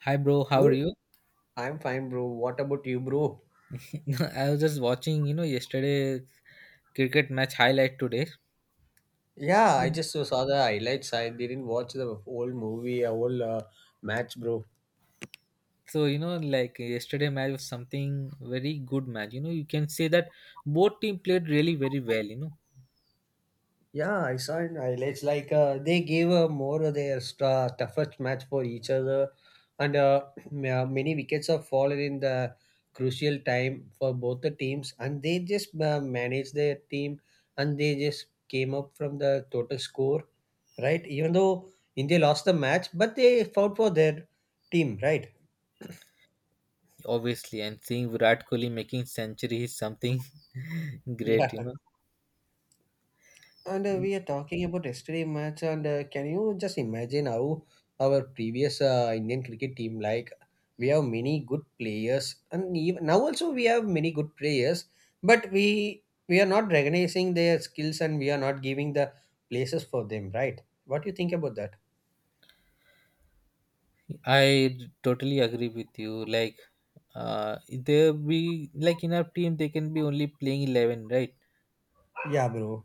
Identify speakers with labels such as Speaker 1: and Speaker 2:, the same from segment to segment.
Speaker 1: Hi bro, how are
Speaker 2: Bro,
Speaker 1: you?
Speaker 2: I'm fine, bro. What about you, bro?
Speaker 1: I was just watching, yesterday cricket match highlight today.
Speaker 2: Yeah, I
Speaker 1: Mm.
Speaker 2: just saw the highlights. I didn't watch the whole movie, a whole match, bro.
Speaker 1: Like yesterday match was something very good match. You know, you can say that both team played really very well,
Speaker 2: Yeah, I saw it. It's like they gave more of their star, toughest match for each other, and many wickets have fallen in the crucial time for both the teams, and they just managed their team, and they just came up from the total score, right? Even though India lost the match, but they fought for their team, right?
Speaker 1: obviously. And seeing Virat Kohli making century is something great,
Speaker 2: Yeah. And
Speaker 1: know.
Speaker 2: we are talking about yesterday match, and can you just imagine how our previous Indian cricket team like we have many good players, and even now also we have many good players, but we are not recognizing their skills and we are not giving the places for them, right? What do you think about that?
Speaker 1: I totally agree with you. Like, there be like in our team, they can be only playing 11, right?
Speaker 2: Yeah, bro.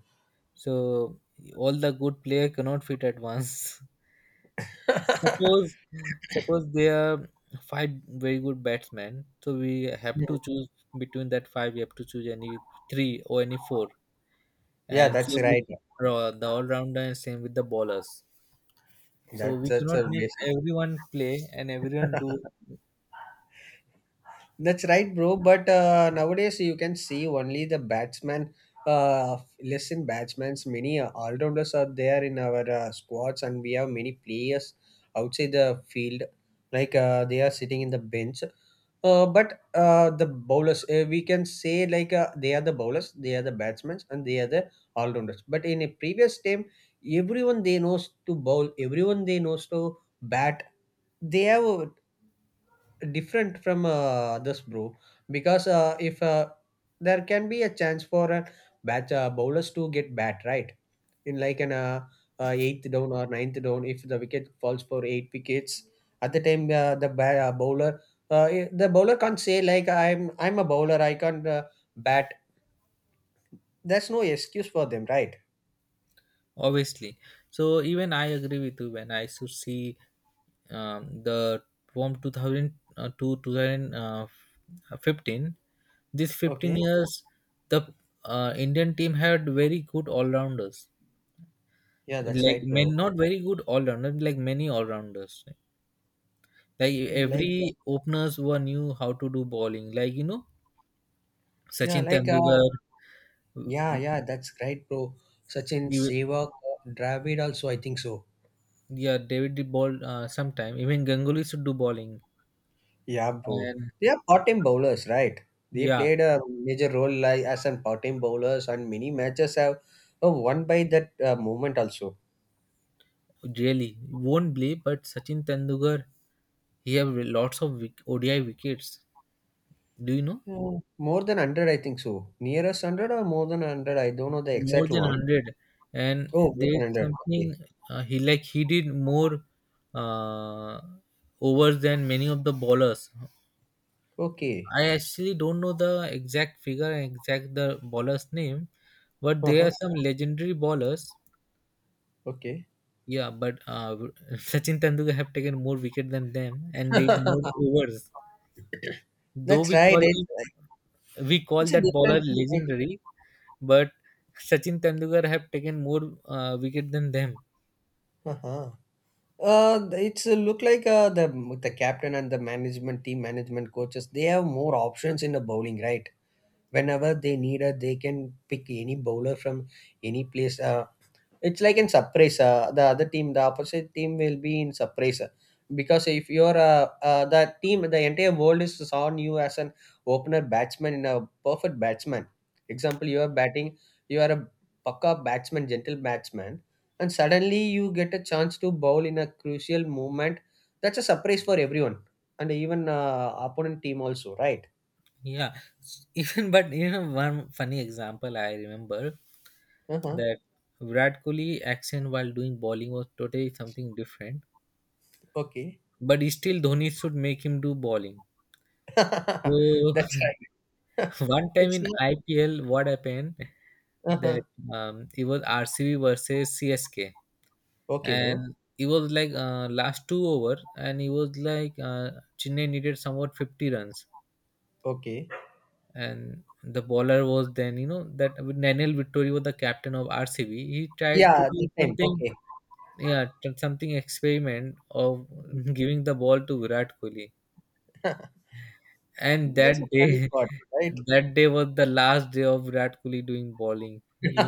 Speaker 1: So all the good player cannot fit at once. Suppose suppose there are five very good batsmen, so we have to choose between that five. We have to choose any three or any four,
Speaker 2: Yeah,
Speaker 1: and
Speaker 2: that's
Speaker 1: same with
Speaker 2: right.
Speaker 1: the all rounder and same with the bowlers. So
Speaker 2: That's
Speaker 1: we
Speaker 2: that's
Speaker 1: cannot
Speaker 2: a
Speaker 1: make
Speaker 2: basic.
Speaker 1: everyone play and everyone do
Speaker 2: That's right, bro. But nowadays you can see only the batsman. Uh, Less in batsmen's many all rounders are there in our squads, and we have many players outside the field. Like they are sitting in the bench. But the bowlers, we can say like they are the bowlers, they are the batsmen, and they are the all rounders. But in a previous time, everyone they knows to bowl, everyone they knows to bat. They have different from others, bro. Because if there can be a chance for a bat bowlers to get bat right in like an eighth down or ninth down, if the wicket falls for eight wickets, at the time the bowler the bowler can't say like I'm a bowler, I can't bat. There's no excuse for them, right?
Speaker 1: obviously. So even I agree with you. When I should see the from 2000 to 2015, these 15
Speaker 2: Okay,
Speaker 1: years the Indian team had very good all-rounders,
Speaker 2: yeah, that's
Speaker 1: like
Speaker 2: right, bro.
Speaker 1: men not very good all-rounders, like many all-rounders, right? Like
Speaker 2: Like
Speaker 1: every openers were knew how to do bowling, like you know,
Speaker 2: yeah,
Speaker 1: Sachin
Speaker 2: like
Speaker 1: Tendulkar. w-
Speaker 2: yeah,
Speaker 1: w-
Speaker 2: yeah, that's right, bro. Sachin Sehwag, Dravid also, I think so.
Speaker 1: yeah, David did ball sometime. Even Ganguly should do bowling,
Speaker 2: Yeah, bro.
Speaker 1: and
Speaker 2: They are part-time bowlers, right? They
Speaker 1: yeah.
Speaker 2: played a major role like as an part-time bowlers, and many matches have won by that movement also.
Speaker 1: Really, you won't believe, but Sachin Tendulkar, he have lots of ODI wickets. Do you know?
Speaker 2: Yeah. More than hundred, I think so. Nearest hundred or more than hundred? I don't know the
Speaker 1: More
Speaker 2: exact
Speaker 1: than one
Speaker 2: one.
Speaker 1: hundred, and
Speaker 2: Oh, more than
Speaker 1: there's
Speaker 2: hundred.
Speaker 1: something
Speaker 2: Okay.
Speaker 1: he like he did more uh, overs than many of the bowlers.
Speaker 2: Okay.
Speaker 1: I actually don't know the exact figure and exact the bowler's name, but there are
Speaker 2: Uh-huh.
Speaker 1: some legendary bowlers.
Speaker 2: Okay.
Speaker 1: Yeah, but Sachin Tendulkar have taken more wicket than them and did more overs. Though
Speaker 2: That's
Speaker 1: we
Speaker 2: right.
Speaker 1: call
Speaker 2: It's,
Speaker 1: him, we call
Speaker 2: it's a
Speaker 1: that
Speaker 2: different
Speaker 1: bowler
Speaker 2: thing, right?
Speaker 1: legendary, but Sachin Tendulkar have taken more wicket than them.
Speaker 2: Uh-huh. It's look like the captain and the management team management coaches they have more options in the bowling, right? Whenever they need her they can pick any bowler from any place, it's like in surprise, the other team, the opposite team will be in surprise, because if you're the team, the entire world is saw you as an opener batsman, in a perfect batsman, example you are batting, you are a paka batsman, gentle batsman, and suddenly you get a chance to bowl in a crucial moment, that's a surprise for everyone, and even opponent team also, right?
Speaker 1: Yeah, even but you know one funny example I remember,
Speaker 2: Uh-huh.
Speaker 1: that Virat Kohli action while doing bowling was totally something different,
Speaker 2: Okay.
Speaker 1: but still Dhoni should make him do bowling. So
Speaker 2: That's right.
Speaker 1: one time
Speaker 2: It's
Speaker 1: in
Speaker 2: not.
Speaker 1: IPL, what happened, that it was RCB versus CSK,
Speaker 2: Okay, bro.
Speaker 1: and it was like last two over, and it was like Chennai needed somewhat 50 runs,
Speaker 2: Okay.
Speaker 1: and the bowler was then, you know that Daniel Vittori was the captain of RCB. He tried to
Speaker 2: Yeah,
Speaker 1: do
Speaker 2: the time.
Speaker 1: something,
Speaker 2: Okay.
Speaker 1: yeah, something experiment of giving the ball to Virat Kohli, and that
Speaker 2: That's a funny
Speaker 1: day
Speaker 2: part, right?
Speaker 1: that day was the last day of Virat Kohli doing bowling. He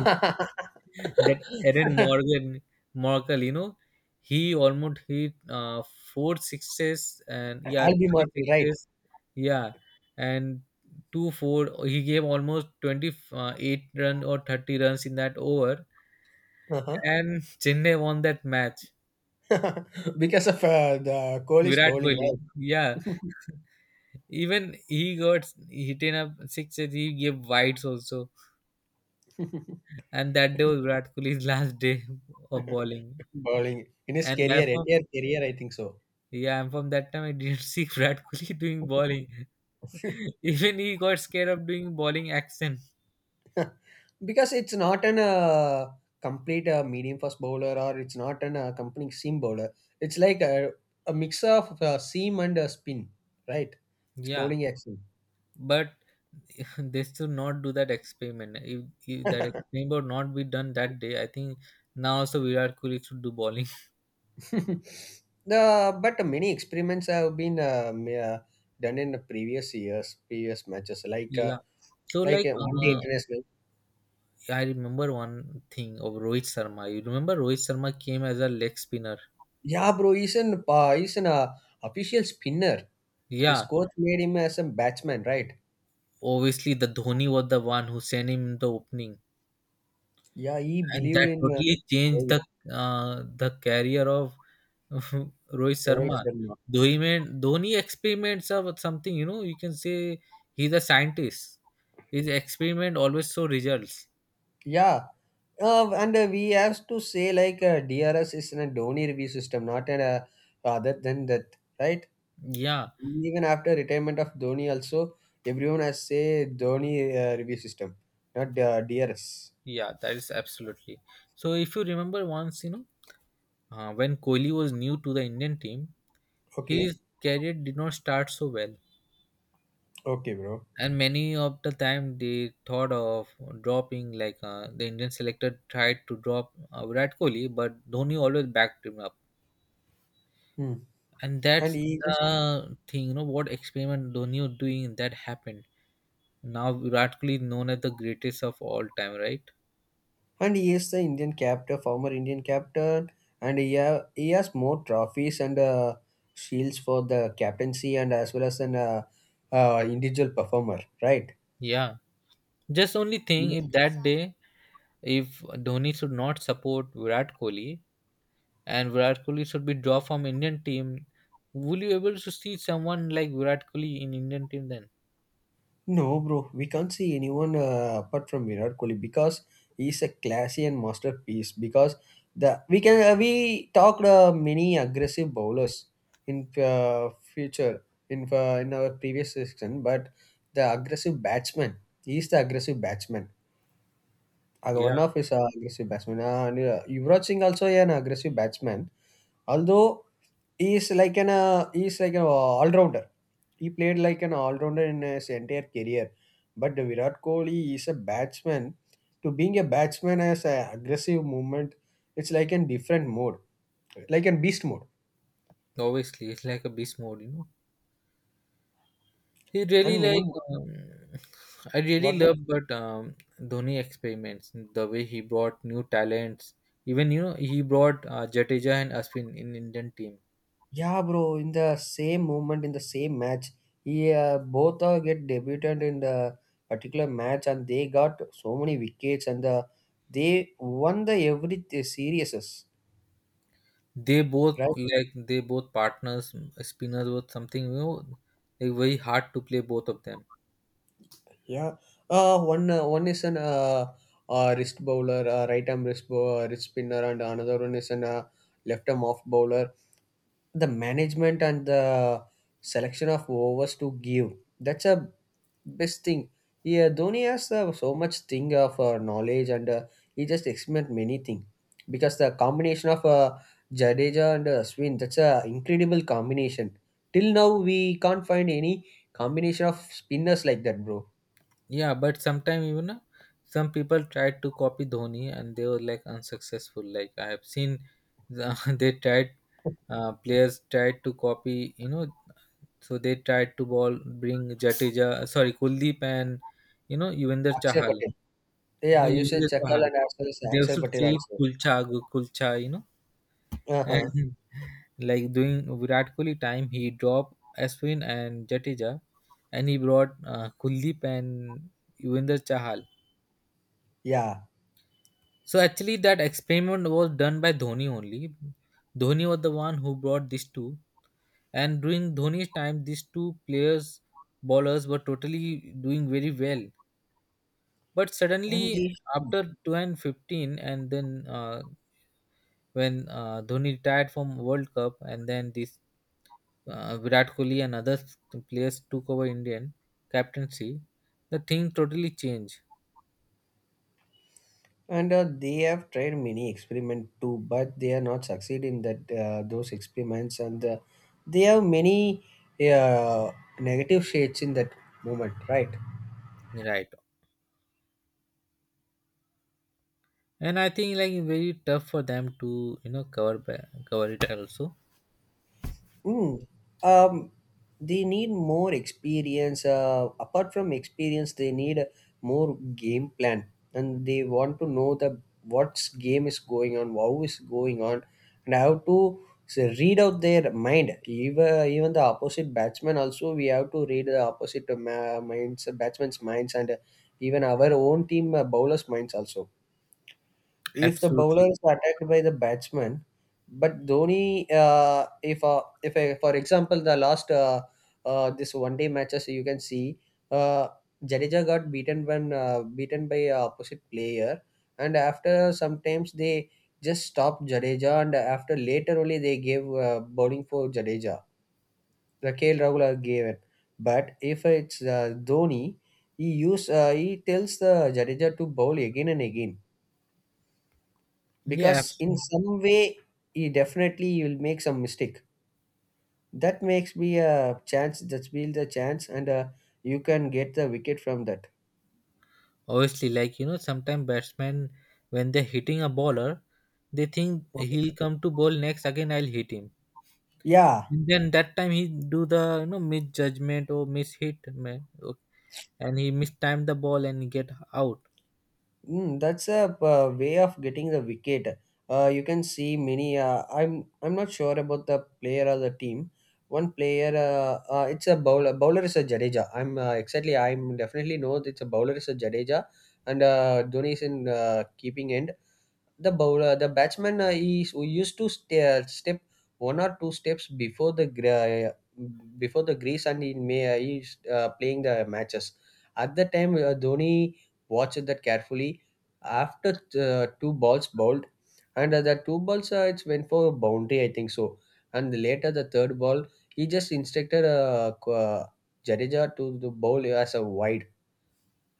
Speaker 1: that Aaron Morgan Morkel, you know, he almost hit four sixes and yeah,
Speaker 2: I'll be
Speaker 1: three
Speaker 2: Marvel, right?
Speaker 1: sixes, yeah, and 2, 4. He gave almost 28 run or 30 runs in that over,
Speaker 2: Uh-huh.
Speaker 1: and Chennai won that match.
Speaker 2: Because of the Kohli's
Speaker 1: Virat
Speaker 2: bowling,
Speaker 1: Kohli,
Speaker 2: right?
Speaker 1: yeah, even he got hit in a sixes. He gave wides also, and that day was Virat Kohli's last day of bowling,
Speaker 2: Bowling in his
Speaker 1: and
Speaker 2: career,
Speaker 1: that.
Speaker 2: entire career, I think so.
Speaker 1: Yeah, and from that time I didn't see Virat Kohli doing bowling. Even he got scared of doing bowling action.
Speaker 2: Because it's not an complete medium fast bowler, or it's not an complete seam bowler, it's like a mix of seam and spin, right? It's
Speaker 1: Yeah,
Speaker 2: bowling action.
Speaker 1: but they should not do that experiment. If that experiment would not be done that day, I think now also Virat Kohli should do bowling.
Speaker 2: the But many experiments have been done in the previous years, previous matches, like
Speaker 1: Yeah. So like
Speaker 2: one day international.
Speaker 1: I remember one thing of Rohit Sharma. You remember Rohit Sharma came as a leg spinner.
Speaker 2: Yeah, bro, he's an official spinner. His
Speaker 1: Yeah,
Speaker 2: coach made him as a batsman, right?
Speaker 1: obviously the Dhoni was the one who sent him in the opening,
Speaker 2: Yeah, he
Speaker 1: and
Speaker 2: believed
Speaker 1: that
Speaker 2: in
Speaker 1: totally changed
Speaker 2: Rohit,
Speaker 1: the career of Rohit
Speaker 2: Rohit,
Speaker 1: Sharma.
Speaker 2: Sharma.
Speaker 1: Dhoni he made Dhoni experiments are something, you know, you can say he's a scientist. His experiment always show results.
Speaker 2: Yeah, and we have to say like DRS is in a Dhoni review system, not an other than that, right?
Speaker 1: Yeah,
Speaker 2: Even after retirement of Dhoni, also everyone has say Dhoni review system, not DRS.
Speaker 1: yeah, that is absolutely. So if you remember once, you know, when Kohli was new to the Indian team,
Speaker 2: Okay,
Speaker 1: his career did not start so well.
Speaker 2: okay, bro.
Speaker 1: And many of the time they thought of dropping, like the Indian selector tried to drop Virat Kohli, but Dhoni always backed him up.
Speaker 2: Hmm.
Speaker 1: And
Speaker 2: And
Speaker 1: that's
Speaker 2: he is,
Speaker 1: the thing, you know what experiment Donio doing that happened now, Radcliffe known as the greatest of all time, right?
Speaker 2: and he is the Indian captain, former Indian captain, and he has more trophies and shields for the captaincy and as well as an individual performer, right?
Speaker 1: Yeah, just only thing, if that day, if Dhoni should not support Virat Kohli and Virat Kohli should be dropped from Indian team, will you able to see someone like Virat Kohli in Indian team then?
Speaker 2: No, bro, we can't see anyone apart from Virat Kohli because he's a classy and masterpiece. Because the we can we talked many aggressive bowlers in future in our previous section, but the aggressive batsman, he is the aggressive batsman.
Speaker 1: Yeah,
Speaker 2: One of his aggressive batsmen. Yuvraj Singh also, yeah, an aggressive batsman, although he is like an all rounder. He played like an all rounder in his entire career, but the Virat Kohli is a batsman. To being a batsman as an aggressive movement, it's like a different mode, like a beast mode.
Speaker 1: obviously it's like a beast mode, you know. He really
Speaker 2: And many
Speaker 1: like I really
Speaker 2: what?
Speaker 1: love but Dhoni experiments the way he brought new talents. Even you know he brought Jadeja and Aspin in Indian team.
Speaker 2: Yeah, bro. In the same moment, in the same match, he both get debuted in the particular match, and they got so many wickets, and they won the every series,
Speaker 1: They both
Speaker 2: right?
Speaker 1: like they both partners spinners was something you know, like very hard to play both of them.
Speaker 2: Yeah. One is an wrist bowler, right arm wrist bowler, wrist spinner, and another one is an left arm off bowler. The management and the selection of overs to give. That's a best thing. Yeah, Dhoni has so much thing of knowledge, and he just experiment many thing, because the combination of Jadeja and Swin, that's a incredible combination. Till now we can't find any combination of spinners like that, bro.
Speaker 1: Yeah, but sometimes you know some people tried to copy Dhoni and they were like unsuccessful. Like I have seen the, they tried players tried to copy, you know. So they tried to ball bring Jadeja, sorry, Kuldeep and you know Yuvendra
Speaker 2: Akshay
Speaker 1: Chahal.
Speaker 2: Patel. Yeah,
Speaker 1: No,
Speaker 2: you said
Speaker 1: Yuvendra
Speaker 2: Chakal
Speaker 1: Chahal.
Speaker 2: and as well as
Speaker 1: They
Speaker 2: Akshay
Speaker 1: also
Speaker 2: Patel
Speaker 1: trade
Speaker 2: also.
Speaker 1: Kulcha, Kulcha, you know,
Speaker 2: Uh huh.
Speaker 1: and like doing Virat Kohli time, he dropped Ashwin and Jadeja, and he brought Kuldeep and Yuvendra Chahal.
Speaker 2: Yeah.
Speaker 1: So actually, that experiment was done by Dhoni only. Dhoni was the one who brought these two, and during Dhoni's time, these two players bowlers were totally doing very well. But
Speaker 2: And
Speaker 1: suddenly,
Speaker 2: the
Speaker 1: after 2015, and then when Dhoni retired from World Cup, and then this Virat Kohli and other players took over Indian captaincy, the thing totally changed,
Speaker 2: and they have tried many experiment too, but they are not succeed in that those experiments, and they have many uh, negative shades in that moment, right?
Speaker 1: right? And I think like very tough for them to you know cover it also.
Speaker 2: Mm. Um, they need more experience. Apart from experience, they need a more game plan, and they want to know the what's game is going on, how is going on, and how to so read out their mind. Even the opposite batsman also, we have to read the opposite minds, batsman's minds, and even our own team bowlers' minds also, if the bowler
Speaker 1: Absolutely,
Speaker 2: is attacked by the batsman. But Dhoni, if for example the last this one day matches you can see, uh, Jadeja got beaten when beaten by a opposite player, and after sometimes they just stopped Jadeja, and after later only they gave bowling for Jadeja, the KL Rahul gave it. But if it's Dhoni, he tells the Jadeja to bowl again and again,
Speaker 1: yeah,
Speaker 2: because in
Speaker 1: absolutely.
Speaker 2: some way you definitely you'll make some mistake, that makes me a chance, that's be the chance, and you can get the wicket from that.
Speaker 1: Obviously, like you know, sometimes batsmen, when they're hitting a bowler, they think he'll come to bowl next. Again, I'll hit him.
Speaker 2: Yeah.
Speaker 1: And then that time he do the you know misjudgment or mishit man, and he mistimed the ball and get out.
Speaker 2: Mm, that's a way of getting the wicket. You can see many, I'm not sure about the player or the team, one player, it's a bowler is a Jadeja, I'm exactly I'm definitely know that it's a bowler is a Jadeja. And Dhoni is in keeping end. The bowler, the batsman, used to stay, step one or two steps before the before the grease, and he's playing the matches. At the time, Dhoni watched that carefully. After two balls bowled, and the two balls it went for a boundary, I think so. And later the third ball, he just instructed Jadeja to bowl as a wide,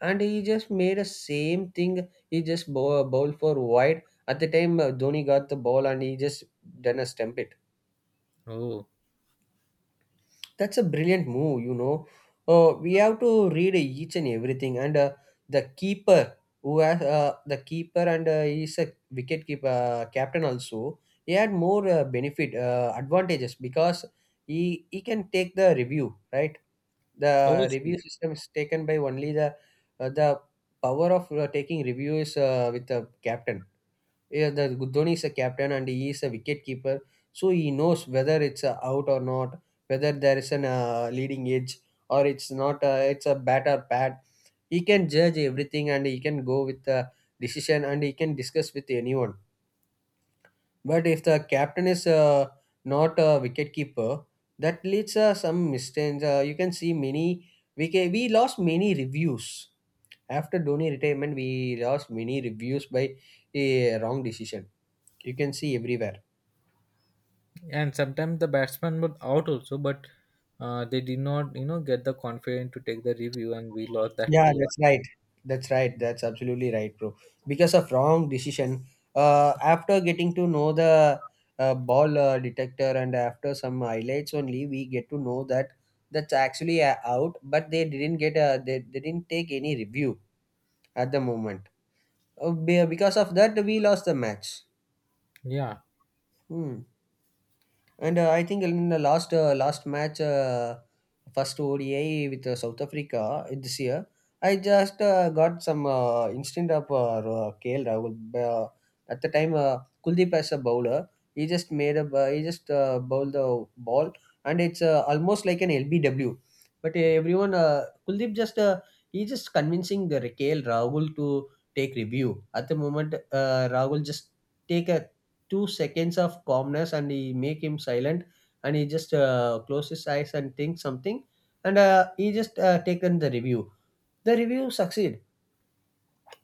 Speaker 2: and he just made a same thing. He just bowled for wide, at the time Dhoni got the ball and he just done a stump it.
Speaker 1: Oh,
Speaker 2: That's a brilliant move, you know. We have to read each and everything, and the keeper who has the keeper and he's a wicket keeper captain also. He had more benefit advantages because he can take the review, right? The review
Speaker 1: obviously.
Speaker 2: system is taken by only the uh, the power of taking reviews with the captain. Yeah, the Dhoni is a captain and he is a wicket keeper, so he knows whether it's out or not, whether there is an leading edge or it's not. It's a bat or pad. He can judge everything and he can go with the decision and he can discuss with anyone, but if the captain is not a wicket keeper, that leads some mistakes. You can see many. We lost many reviews after Dhoni retirement. We lost many reviews by a wrong decision. You can see everywhere.
Speaker 1: And sometimes the batsman was out also, but they did not you know get the confidence to take the review, and we lost that
Speaker 2: Yeah,
Speaker 1: too.
Speaker 2: that's right. That's right. That's absolutely right, bro. Because of wrong decision, after getting to know the ball detector and after some highlights only, we get to know that that's actually out, but they didn't get a they didn't take any review at the moment. Because of that, we lost the match.
Speaker 1: Yeah.
Speaker 2: Hmm. And I think in the last match, first ODI with South Africa this year, I just got some instinct of KL Rahul. Uh, at the time, Kuldeep as a bowler, he just made he just bowled the ball, and it's almost like an LBW. But Kuldeep just he just convincing the KL Rahul to take review. At the moment, Rahul just take a 2 seconds of calmness and he make him silent, and he just close his eyes and think something, and he just taken the review. The review succeed,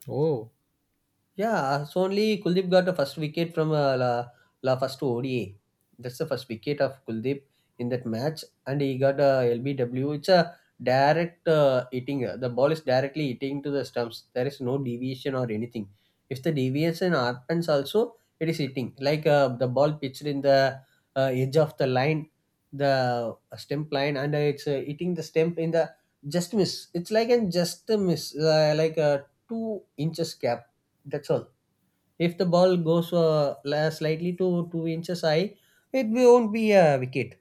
Speaker 1: Oh.
Speaker 2: yeah, so only Kuldeep got the first wicket from la first ODA. That's the first wicket of Kuldeep in that match, and he got a LBW. It's a direct hitting. The ball is directly hitting to the stumps. There is no deviation or anything. If the deviation happens, also it is hitting. Like the ball pitched in the edge of the line, the stump line, and it's hitting the stump in the just miss. It's like a just miss, like a 2 inches gap, that's all. If the ball goes slightly to 2 inches high, it won't be a wicket.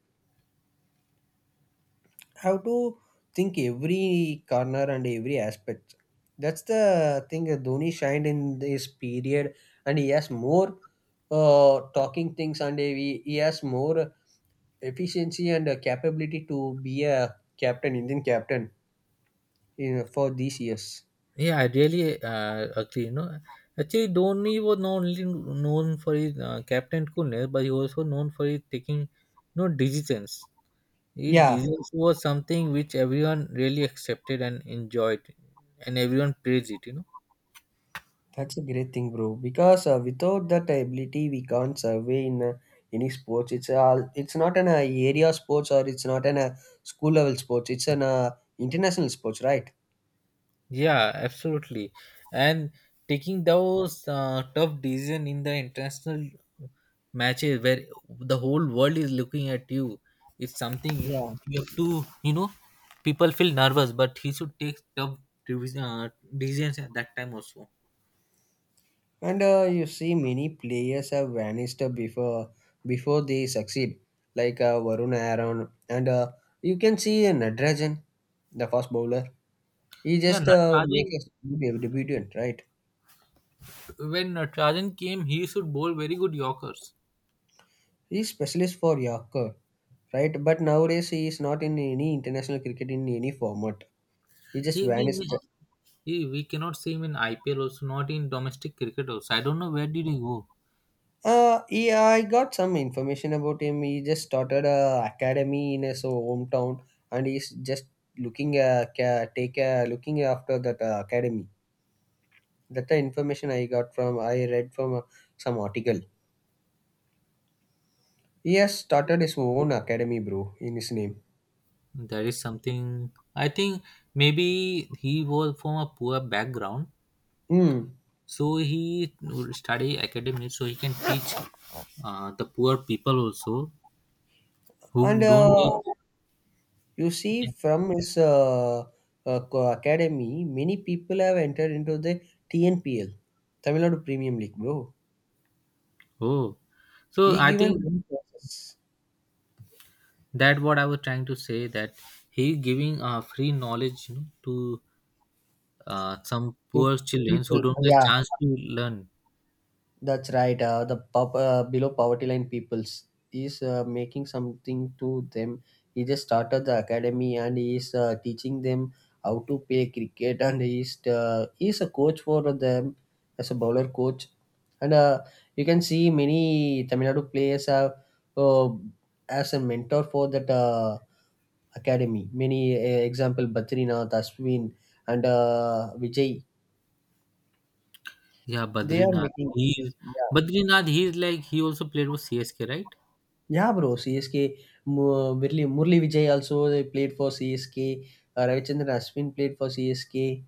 Speaker 2: How to think every corner and every aspect. That's the thing that Dhoni shined in this period, and he has more talking things, and he has more efficiency and capability to be a captain, Indian captain, in, for these years.
Speaker 1: Yeah, I really agree. You know, actually, Dhoni was not only known for his captain coolness, but he was also known for his taking, you know, decisions. It
Speaker 2: Yeah.
Speaker 1: designs was something which everyone really accepted and enjoyed, and everyone praised it. You know.
Speaker 2: That's a great thing, bro. Because without that ability, we can't survey in any sports. It's all. It's not an area sports, or it's not an school level sports. It's an international sports, right?
Speaker 1: Yeah, absolutely. And taking those tough decision in the international matches where the whole world is looking at you is something
Speaker 2: Yeah.
Speaker 1: you have to. You know, people feel nervous, but he should take tough divis- uh, decisions at that time also.
Speaker 2: And you see, many players have vanished before they succeed, like Varun Aaron, and you can see Nadrajan, the fast bowler. He
Speaker 1: Yeah,
Speaker 2: just make
Speaker 1: Natarajan,
Speaker 2: a debut, right?
Speaker 1: when Natarajan came, he should bowl very good Yorkers.
Speaker 2: He's specialist for Yorker, right? But nowadays he is not in any international cricket in any format. He just
Speaker 1: He,
Speaker 2: vanished.
Speaker 1: he He We cannot see him in IPL also, not in domestic cricket also. I don't know where did he go.
Speaker 2: I got some information about him. He just started a academy in his hometown, and he's just looking ca- take looking after that academy. That the information I got from I read from some article. He has started his own academy, bro, in his name.
Speaker 1: That is something. I think maybe he was from a poor background,
Speaker 2: Hmm.
Speaker 1: so he would study academics, so he can teach the poor people also
Speaker 2: And
Speaker 1: who don't get.
Speaker 2: you see, from his academy, many people have entered into the TNPL, Tamil Nadu Premium League, bro.
Speaker 1: Oh, so
Speaker 2: He
Speaker 1: I
Speaker 2: given
Speaker 1: think
Speaker 2: many process
Speaker 1: that what I was trying to say, that he giving free knowledge, you know, to some
Speaker 2: to
Speaker 1: poor children who
Speaker 2: people.
Speaker 1: don't get
Speaker 2: Yeah,
Speaker 1: chance to learn.
Speaker 2: that's right. The pop, below poverty line peoples is making something to them. He just started the academy and he is teaching them how to play cricket, and he is a coach for them as a bowler coach. And you can see many Tamil Nadu players have uh, as a mentor for that academy. Many example Batrina, Taswin, and Vijay.
Speaker 1: Yeah,
Speaker 2: They are
Speaker 1: Badrinath.
Speaker 2: making.
Speaker 1: He's Badrinath. He's like he also played with CSK, right?
Speaker 2: Yeah, bro. CSK, Murli Vijay also they played for CSK. Ravichandran Ashwin played for CSK.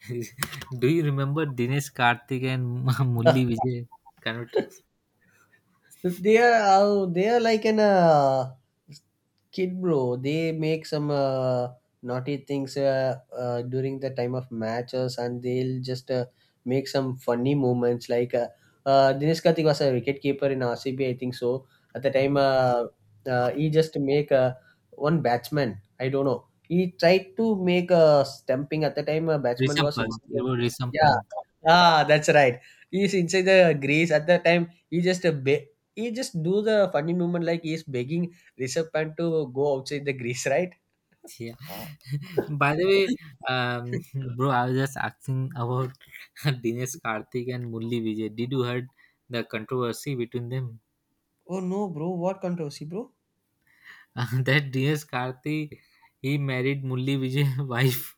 Speaker 1: Do you remember Dinesh Karthik and Mulli Vijay? Kind of
Speaker 2: They are like an kid, bro. They make some naughty things during the time of matches, and they'll just make some funny moments. Like Dinesh Karthik was a wicket keeper in RCB, I think so. At the time, he just make one batsman. I don't know. He tried to make a stumping at the time. A batsman
Speaker 1: Risham
Speaker 2: was
Speaker 1: Pant.
Speaker 2: inside
Speaker 1: It
Speaker 2: the
Speaker 1: was
Speaker 2: crease.
Speaker 1: Risham
Speaker 2: Yeah,
Speaker 1: Pant.
Speaker 2: ah, that's right. He's inside the grease at the time. He just he just do the funny movement like he's begging Rishabh Pant to go outside the grease, right?
Speaker 1: Yeah. By the way, um, bro, I was just asking about Dinesh Karthik and Mulli Vijay. Did you heard the controversy between them?
Speaker 2: Oh no, bro, what controversy, bro?
Speaker 1: That Dinesh Karthik, he married Mulli Vijay wife.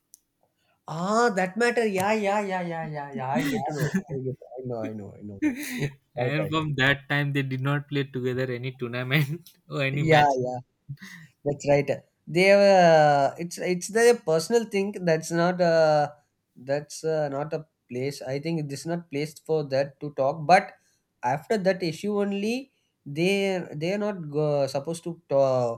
Speaker 2: Ah, that matter. Yeah, yeah, yeah, yeah, yeah, yeah. I get to know. I know, I know, I know that. Right,
Speaker 1: And
Speaker 2: right, right.
Speaker 1: from that time they did not play together any tournament or any
Speaker 2: Yeah,
Speaker 1: match.
Speaker 2: yeah. That's right. They have it's their personal thing. That's not a place. I think this is not placed for that to talk. But after that issue only, they are not go, supposed to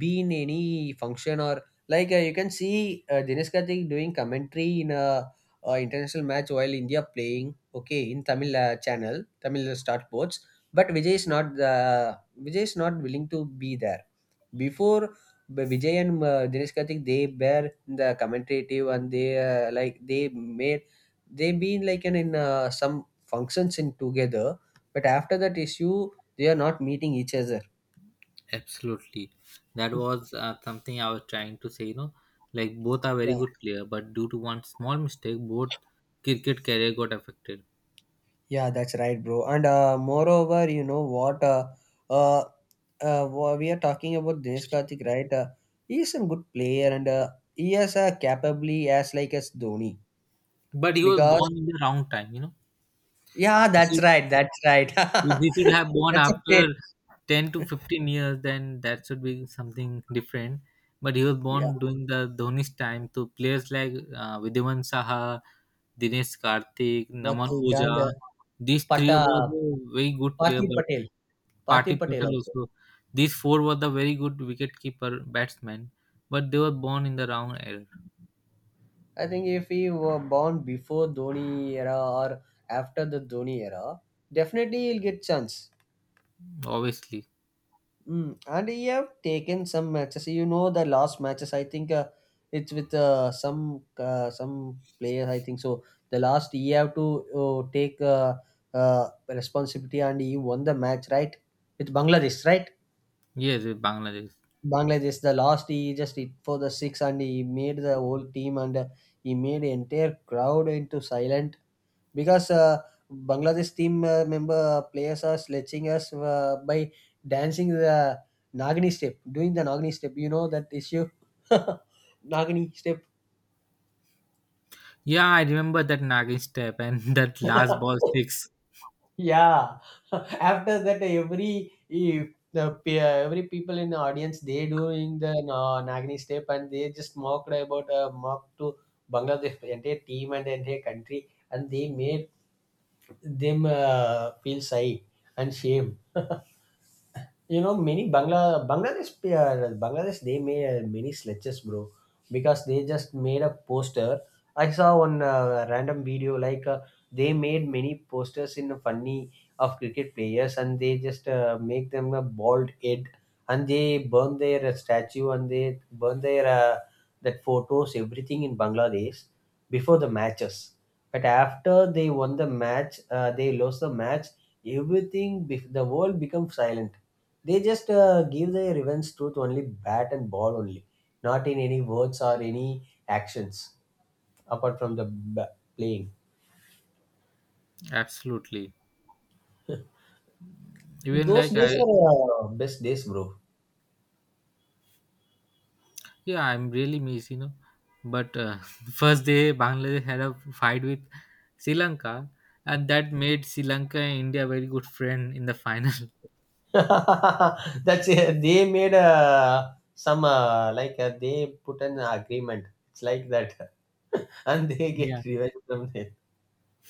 Speaker 2: be in any function, or like you can see Dinesh Karthik doing commentary in a, international match while India playing. Okay, in Tamil channel, Tamil start boards. But Vijay is not willing to be there before Vijay and Dinesh Karthik, they were in the commentative, and they they made they been like an in some functions in together. But after that issue, they are not meeting each other.
Speaker 1: Absolutely, that was something I was trying to say, you know, like both are very
Speaker 2: Yeah,
Speaker 1: good player, but due to one small mistake, both cricket career got affected,
Speaker 2: yeah, that's right, bro. And moreover, you know what? Uh, we are talking about Dinesh Karthik, right? He is a good player, and he is capably as like as Dhoni
Speaker 1: but he was
Speaker 2: because
Speaker 1: born in the wrong time, you know.
Speaker 2: yeah,
Speaker 1: he
Speaker 2: that's
Speaker 1: should,
Speaker 2: right, that's right.
Speaker 1: he should have born
Speaker 2: That's a
Speaker 1: after
Speaker 2: fit.
Speaker 1: 10 to 15 years, then that should be something different, but he was
Speaker 2: Yeah,
Speaker 1: born during the Dhoni's time. So players like Vidyaman Saha, Dinesh Karthik,
Speaker 2: that
Speaker 1: Naman
Speaker 2: too,
Speaker 1: Oja.
Speaker 2: Gandhi.
Speaker 1: These
Speaker 2: But
Speaker 1: three were the very good player,
Speaker 2: Parthy
Speaker 1: but
Speaker 2: Patel, Parthy
Speaker 1: Partey
Speaker 2: Patel
Speaker 1: Patel
Speaker 2: also.
Speaker 1: also. These four were the very good wicketkeeper batsmen, but they were born in the wrong era,
Speaker 2: I think if he were born before Dhoni era or after the Dhoni era, definitely he'll get chance.
Speaker 1: obviously.
Speaker 2: Mm. And he have taken some matches. You know the last matches. I think it's with some players. I think so. The last he have to take responsibility, and he won the match, right? With Bangladesh, right?
Speaker 1: Yes, with Bangladesh.
Speaker 2: Bangladesh, the last he just hit for the six and he made the whole team, and he made entire crowd into silent because Bangladesh team member players are sledging us by dancing the Nagini step, doing the Nagini step. You know that issue, Nagini step.
Speaker 1: Yeah, I remember that Nagin step and that last ball six.
Speaker 2: Yeah. After that every every people in the audience they doing the nagini step, and they just mock to Bangladesh entire team and entire country, and they made them feel shy and shame. You know, many Bangladesh they made many sledges, bro, because they just made a poster. I saw one random video like they made many posters in funny of cricket players, and they just make them a bald head, and they burn their statue and they burn their that photos everything in Bangladesh before the matches. But after they won the match, they lost the match. Everything, the world become silent. They just give the revenge truth only bat and ball only, not in any words or any actions apart from playing.
Speaker 1: Absolutely. Even
Speaker 2: Those
Speaker 1: like
Speaker 2: days
Speaker 1: I,
Speaker 2: are best days, bro.
Speaker 1: yeah, I'm really miss, you know. But first day, Bangladesh had a fight with Sri Lanka, and that made Sri Lanka and India very good friend in the final.
Speaker 2: That's it. They made some like they put an agreement. It's like that. And they get revenge from them.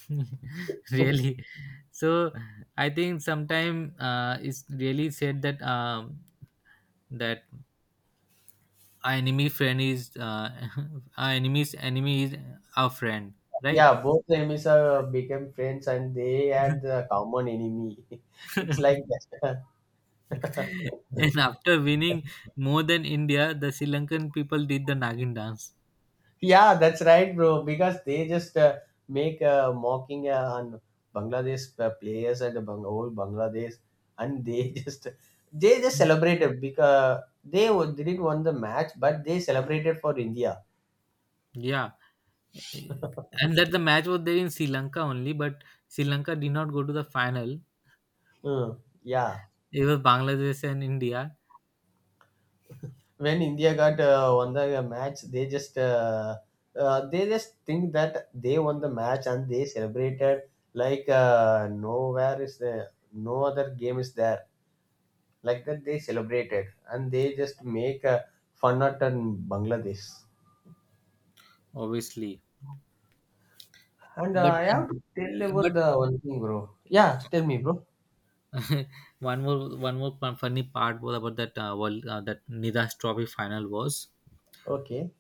Speaker 1: really. So I think sometime it's really said that that our enemy friend is our enemy's enemy is our friend, right?
Speaker 2: Yeah, both enemies are became friends, and they had the common enemy. It's like that.
Speaker 1: And after winning, more than India, the Sri Lankan people did the Nagin dance,
Speaker 2: Yeah, that's right, bro. Because they just make a mocking on Bangladesh players and the old Bangladesh, and they just they just celebrated because they didn't won the match, but they celebrated for India.
Speaker 1: yeah, and that the match was there in Sri Lanka only, but Sri Lanka did not go to the final.
Speaker 2: Mm, yeah,
Speaker 1: It was Bangladesh and India,
Speaker 2: when India got won the match, they just think that they won the match and they celebrated like nowhere is the no other game is there, like that they celebrated and they just make a fun out on Bangladesh.
Speaker 1: obviously.
Speaker 2: And
Speaker 1: But
Speaker 2: I have to tell you about the one thing, bro. Yeah, tell me, bro.
Speaker 1: one more, funny part was about that world that Nidas Trophy final was.
Speaker 2: Okay.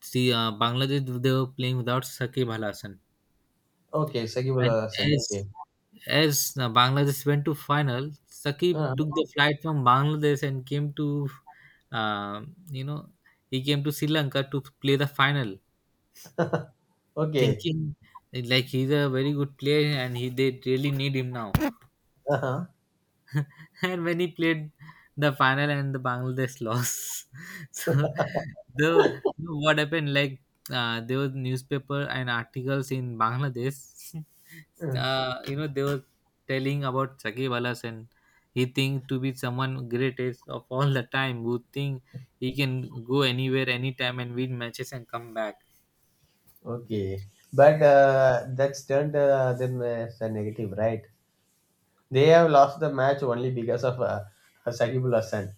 Speaker 1: See, Bangladesh they were playing without Saqib Al Hasan,
Speaker 2: Okay, sagibullah
Speaker 1: and
Speaker 2: Hasan.
Speaker 1: as
Speaker 2: Okay.
Speaker 1: as Bangladesh went to final, Saqib
Speaker 2: uh
Speaker 1: took the flight from Bangladesh and came to, um, you know, he came to Sri Lanka to play the final,
Speaker 2: okay.
Speaker 1: thinking like he's a very good player and he they really need him now.
Speaker 2: Uh-huh.
Speaker 1: and when he played the final and the Bangladesh lost. so the you know what happened like there was newspaper and articles in Bangladesh.
Speaker 2: Uh,
Speaker 1: You know they were telling about Shakib Al Hasan. He think to be someone greatest of all the time, who think he can go anywhere, anytime, and win matches and come back.
Speaker 2: okay but that's turned them as a negative, right? They have lost the match only because of Shakibul Hassan.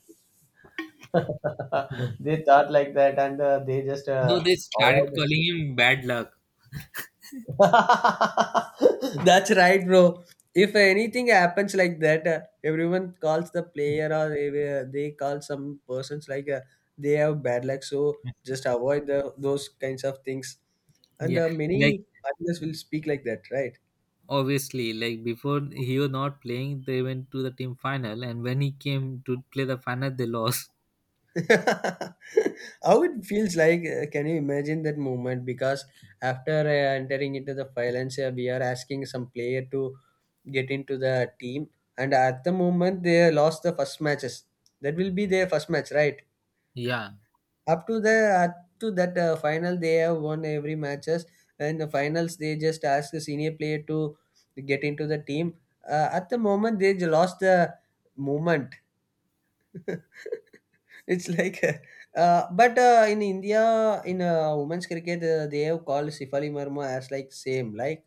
Speaker 2: They thought like that, and they just
Speaker 1: No, they started
Speaker 2: avoided
Speaker 1: calling
Speaker 2: it.
Speaker 1: him bad luck.
Speaker 2: That's right, bro. If anything happens like that, everyone calls the player, or they call some persons like they have bad luck. So just avoid the, those kinds of things. And
Speaker 1: Yeah, like
Speaker 2: many artists will speak like that, right?
Speaker 1: obviously, like before he was not playing, they went to the team final, and when he came to play the final, they lost.
Speaker 2: How it feels like, can you imagine that moment? Because after entering into the violence, we are asking some player to get into the team, and at the moment they lost the first matches. That will be their first match, right?
Speaker 1: Yeah,
Speaker 2: Up to the up to that final they have won every matches, and the finals they just ask the senior player to get into the team. At the moment they lost the moment. It's like, but in India, in women's cricket, they have called Sifali Marma as like same like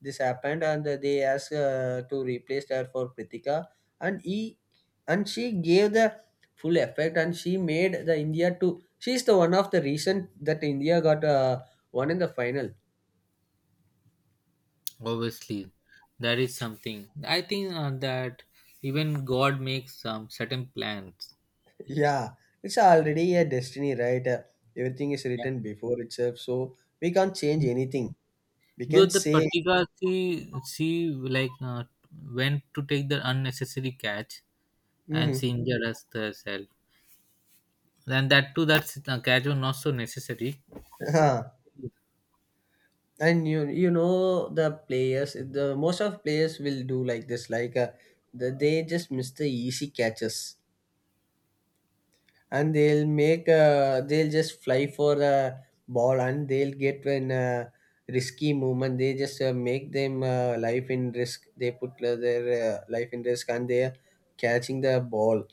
Speaker 2: this happened, and they asked to replace her for Pritika, and he and she gave the full effect, and she made the India to. She's the one of the reason that India got won in the final.
Speaker 1: obviously, that is something. I think that even God makes some certain plans.
Speaker 2: Yeah, it's already a destiny, right? Everything is
Speaker 1: Yeah.
Speaker 2: written before itself, so we can't change anything. We can
Speaker 1: But the
Speaker 2: say.
Speaker 1: Patika, she went to take the unnecessary catch and
Speaker 2: Hmm.
Speaker 1: she injured us herself. And that too, that catch was not so necessary.
Speaker 2: And you know the players, the most of players will do like this, like they just miss the easy catches, and they'll make they'll just fly for a ball, and they'll get when risky movement, they just make them life in risk, they put their life in risk, and they are catching the ball.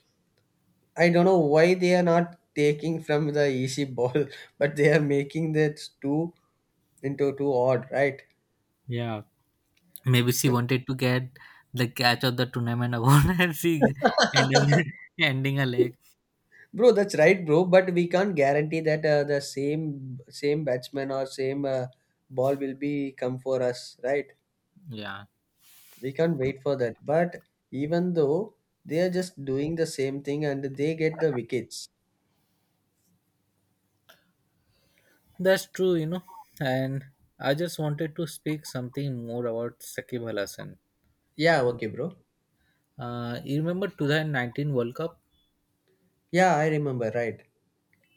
Speaker 2: I don't know why they are not taking from the easy ball, but they are making that two into two odd, right?
Speaker 1: Yeah. Maybe she wanted to get the catch of the tournament award and she ended up ending a leg.
Speaker 2: Bro, that's right, bro. But we can't guarantee that the same batsman or same ball will be come for us, right?
Speaker 1: Yeah.
Speaker 2: We can't wait for that. But even though, they are just doing the same thing and they get the wickets.
Speaker 1: That's true, you know. And I just wanted to speak something more about Sakib Al Hasan.
Speaker 2: Yeah, okay, bro.
Speaker 1: You remember 2019 World Cup?
Speaker 2: Yeah, I remember, right.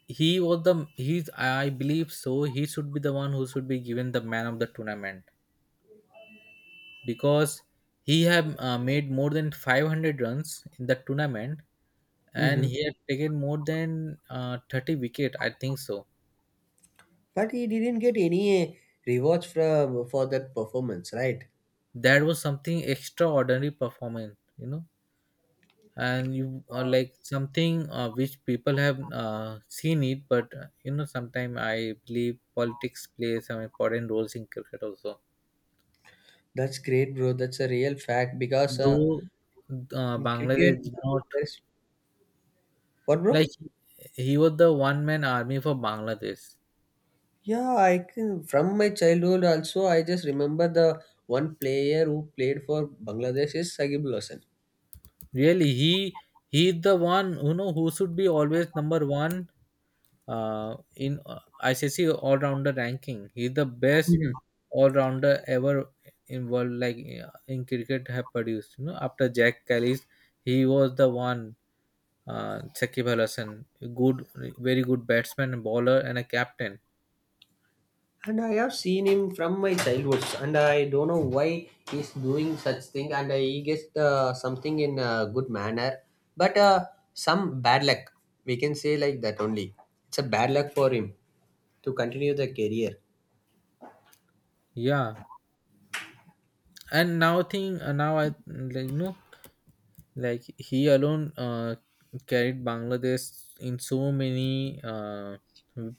Speaker 1: He was the He's, I believe so, he should be the one who should be given the man of the tournament, because he have made more than 500 runs in the tournament and
Speaker 2: Mm-hmm.
Speaker 1: he had taken more than 30 wicket, I think so.
Speaker 2: But he didn't get any rewards from for that performance, right?
Speaker 1: That was something extraordinary performance, you know. And you are like something which people have seen it, but you know, sometimes I believe politics plays some important roles in cricket also,
Speaker 2: That's great, bro. That's a real fact because
Speaker 1: though
Speaker 2: in cricket,
Speaker 1: Bangladesh did not,
Speaker 2: there's- what, bro?
Speaker 1: like, he was the one man army for Bangladesh.
Speaker 2: Yeah, I can from my childhood also I just remember the one player who played for Bangladesh is Sagib Hossain.
Speaker 1: Really, he, he's the one, you know, who should be always number one in ICC all rounder ranking. He's the best
Speaker 2: Mhm.
Speaker 1: all rounder ever in world, like in cricket, have produced. You know, after Jack Kelly's, he was the one. Shakib Al Hasan, good, very good batsman, and bowler, and a captain.
Speaker 2: And I have seen him from my childhood, and I don't know why he's doing such thing, and he gets something in a good manner, but some bad luck. We can say like that only. It's a bad luck for him to continue the career.
Speaker 1: Yeah, and now I like, you know, like he alone carried Bangladesh in so many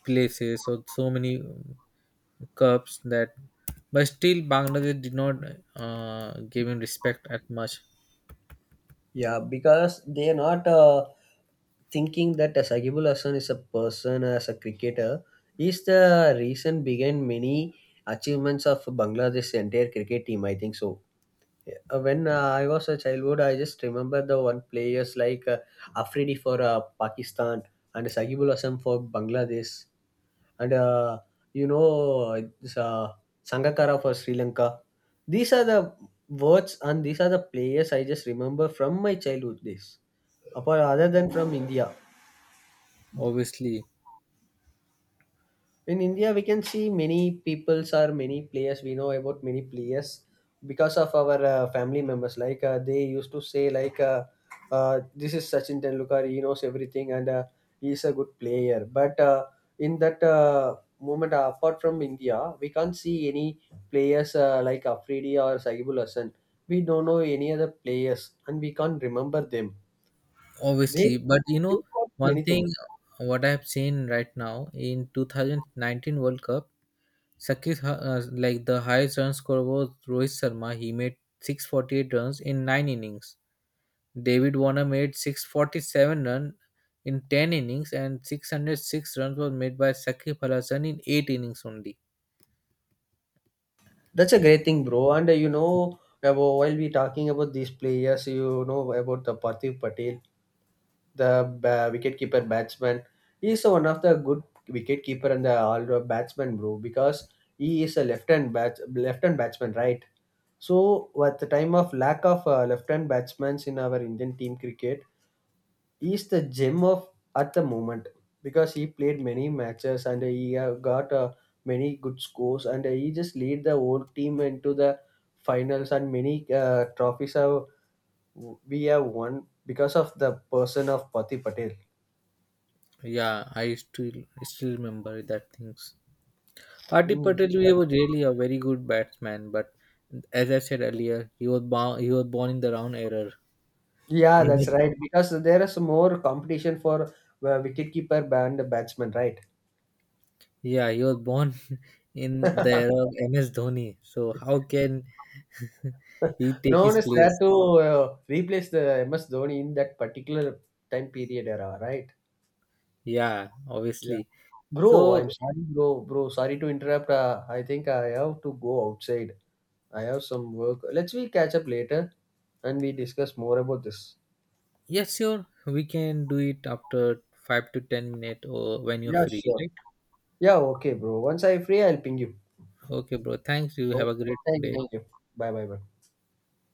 Speaker 1: places or so many cups. That But still, Bangladesh did not give him respect at much.
Speaker 2: Yeah, because they are not thinking that Sagibul Hassan is a person, as a cricketer, is the reason behind many achievements of Bangladesh's entire cricket team. I think so. When I was a childhood, I just remember the one players like Afridi for Pakistan and Sagibul Hasan for Bangladesh, and you know this, Sangakkara for Sri Lanka. These are the words and these are the players I just remember from my childhood days. Apart other than from India.
Speaker 1: Obviously,
Speaker 2: In India we can see many peoples or many players, we know about many players because of our family members, like they used to say like uh, this is Sachin Tendulkar, he knows everything, and he is a good player, but in that moment, apart from India we can't see any players like Afridi or Saibul Hassan, we don't know any other players and we can't remember them. they
Speaker 1: obviously. But you
Speaker 2: they
Speaker 1: know,
Speaker 2: got
Speaker 1: one
Speaker 2: many things.
Speaker 1: thing, what I have seen right now in 2019 World Cup, Sakib, like, the highest run scorer was Rohit Sharma. He made 648 runs in nine innings. David Warner made 647 run in 10 innings, and 606 runs was made by Sakib Al Hasan in eight innings only.
Speaker 2: That's a great thing, bro. And you know, about, while we talking about these players, you know about the Parthiv Patel, the wicketkeeper batsman. He is one of the good wicketkeeper and the all-round batsman, bro, because he is a left-hand bat, left-hand batsman, right? So, at the time of lack of left-hand batsmen in our Indian team cricket, is the gem of at the moment, because he played many matches, and he got many good scores, and he just lead the whole team into the finals, and many trophies have we have won because of the person of Pati Patel.
Speaker 1: Yeah, I still remember that things. Partey
Speaker 2: Mm,
Speaker 1: Patel
Speaker 2: right.
Speaker 1: was really a very good batsman, but as I said earlier, he was born in the wrong era.
Speaker 2: Yeah, that's
Speaker 1: Mhm.
Speaker 2: right. Because there is more competition for wicketkeeper and batsman, right?
Speaker 1: Yeah, he was born in the era of MS Dhoni. So how can he
Speaker 2: No
Speaker 1: take
Speaker 2: one
Speaker 1: his
Speaker 2: is there
Speaker 1: place?
Speaker 2: to replace the MS Dhoni in that particular time period era, right?
Speaker 1: Yeah,
Speaker 2: Yeah.
Speaker 1: obviously.
Speaker 2: Bro, I'm
Speaker 1: So
Speaker 2: sorry, bro. Bro, sorry to interrupt. I think I have to go outside. I have some work. Let's we catch up later and we discuss more about this.
Speaker 1: yes, sure, we can do it after 5 to 10 minutes or when you're
Speaker 2: Yeah,
Speaker 1: free,
Speaker 2: sure.
Speaker 1: right?
Speaker 2: Yeah, okay, bro. Once I'm free, I'll ping you.
Speaker 1: Okay, bro. Thanks. You have a
Speaker 2: Okay.
Speaker 1: great
Speaker 2: Thank you,
Speaker 1: day.
Speaker 2: thank you. Bye, bye, bye.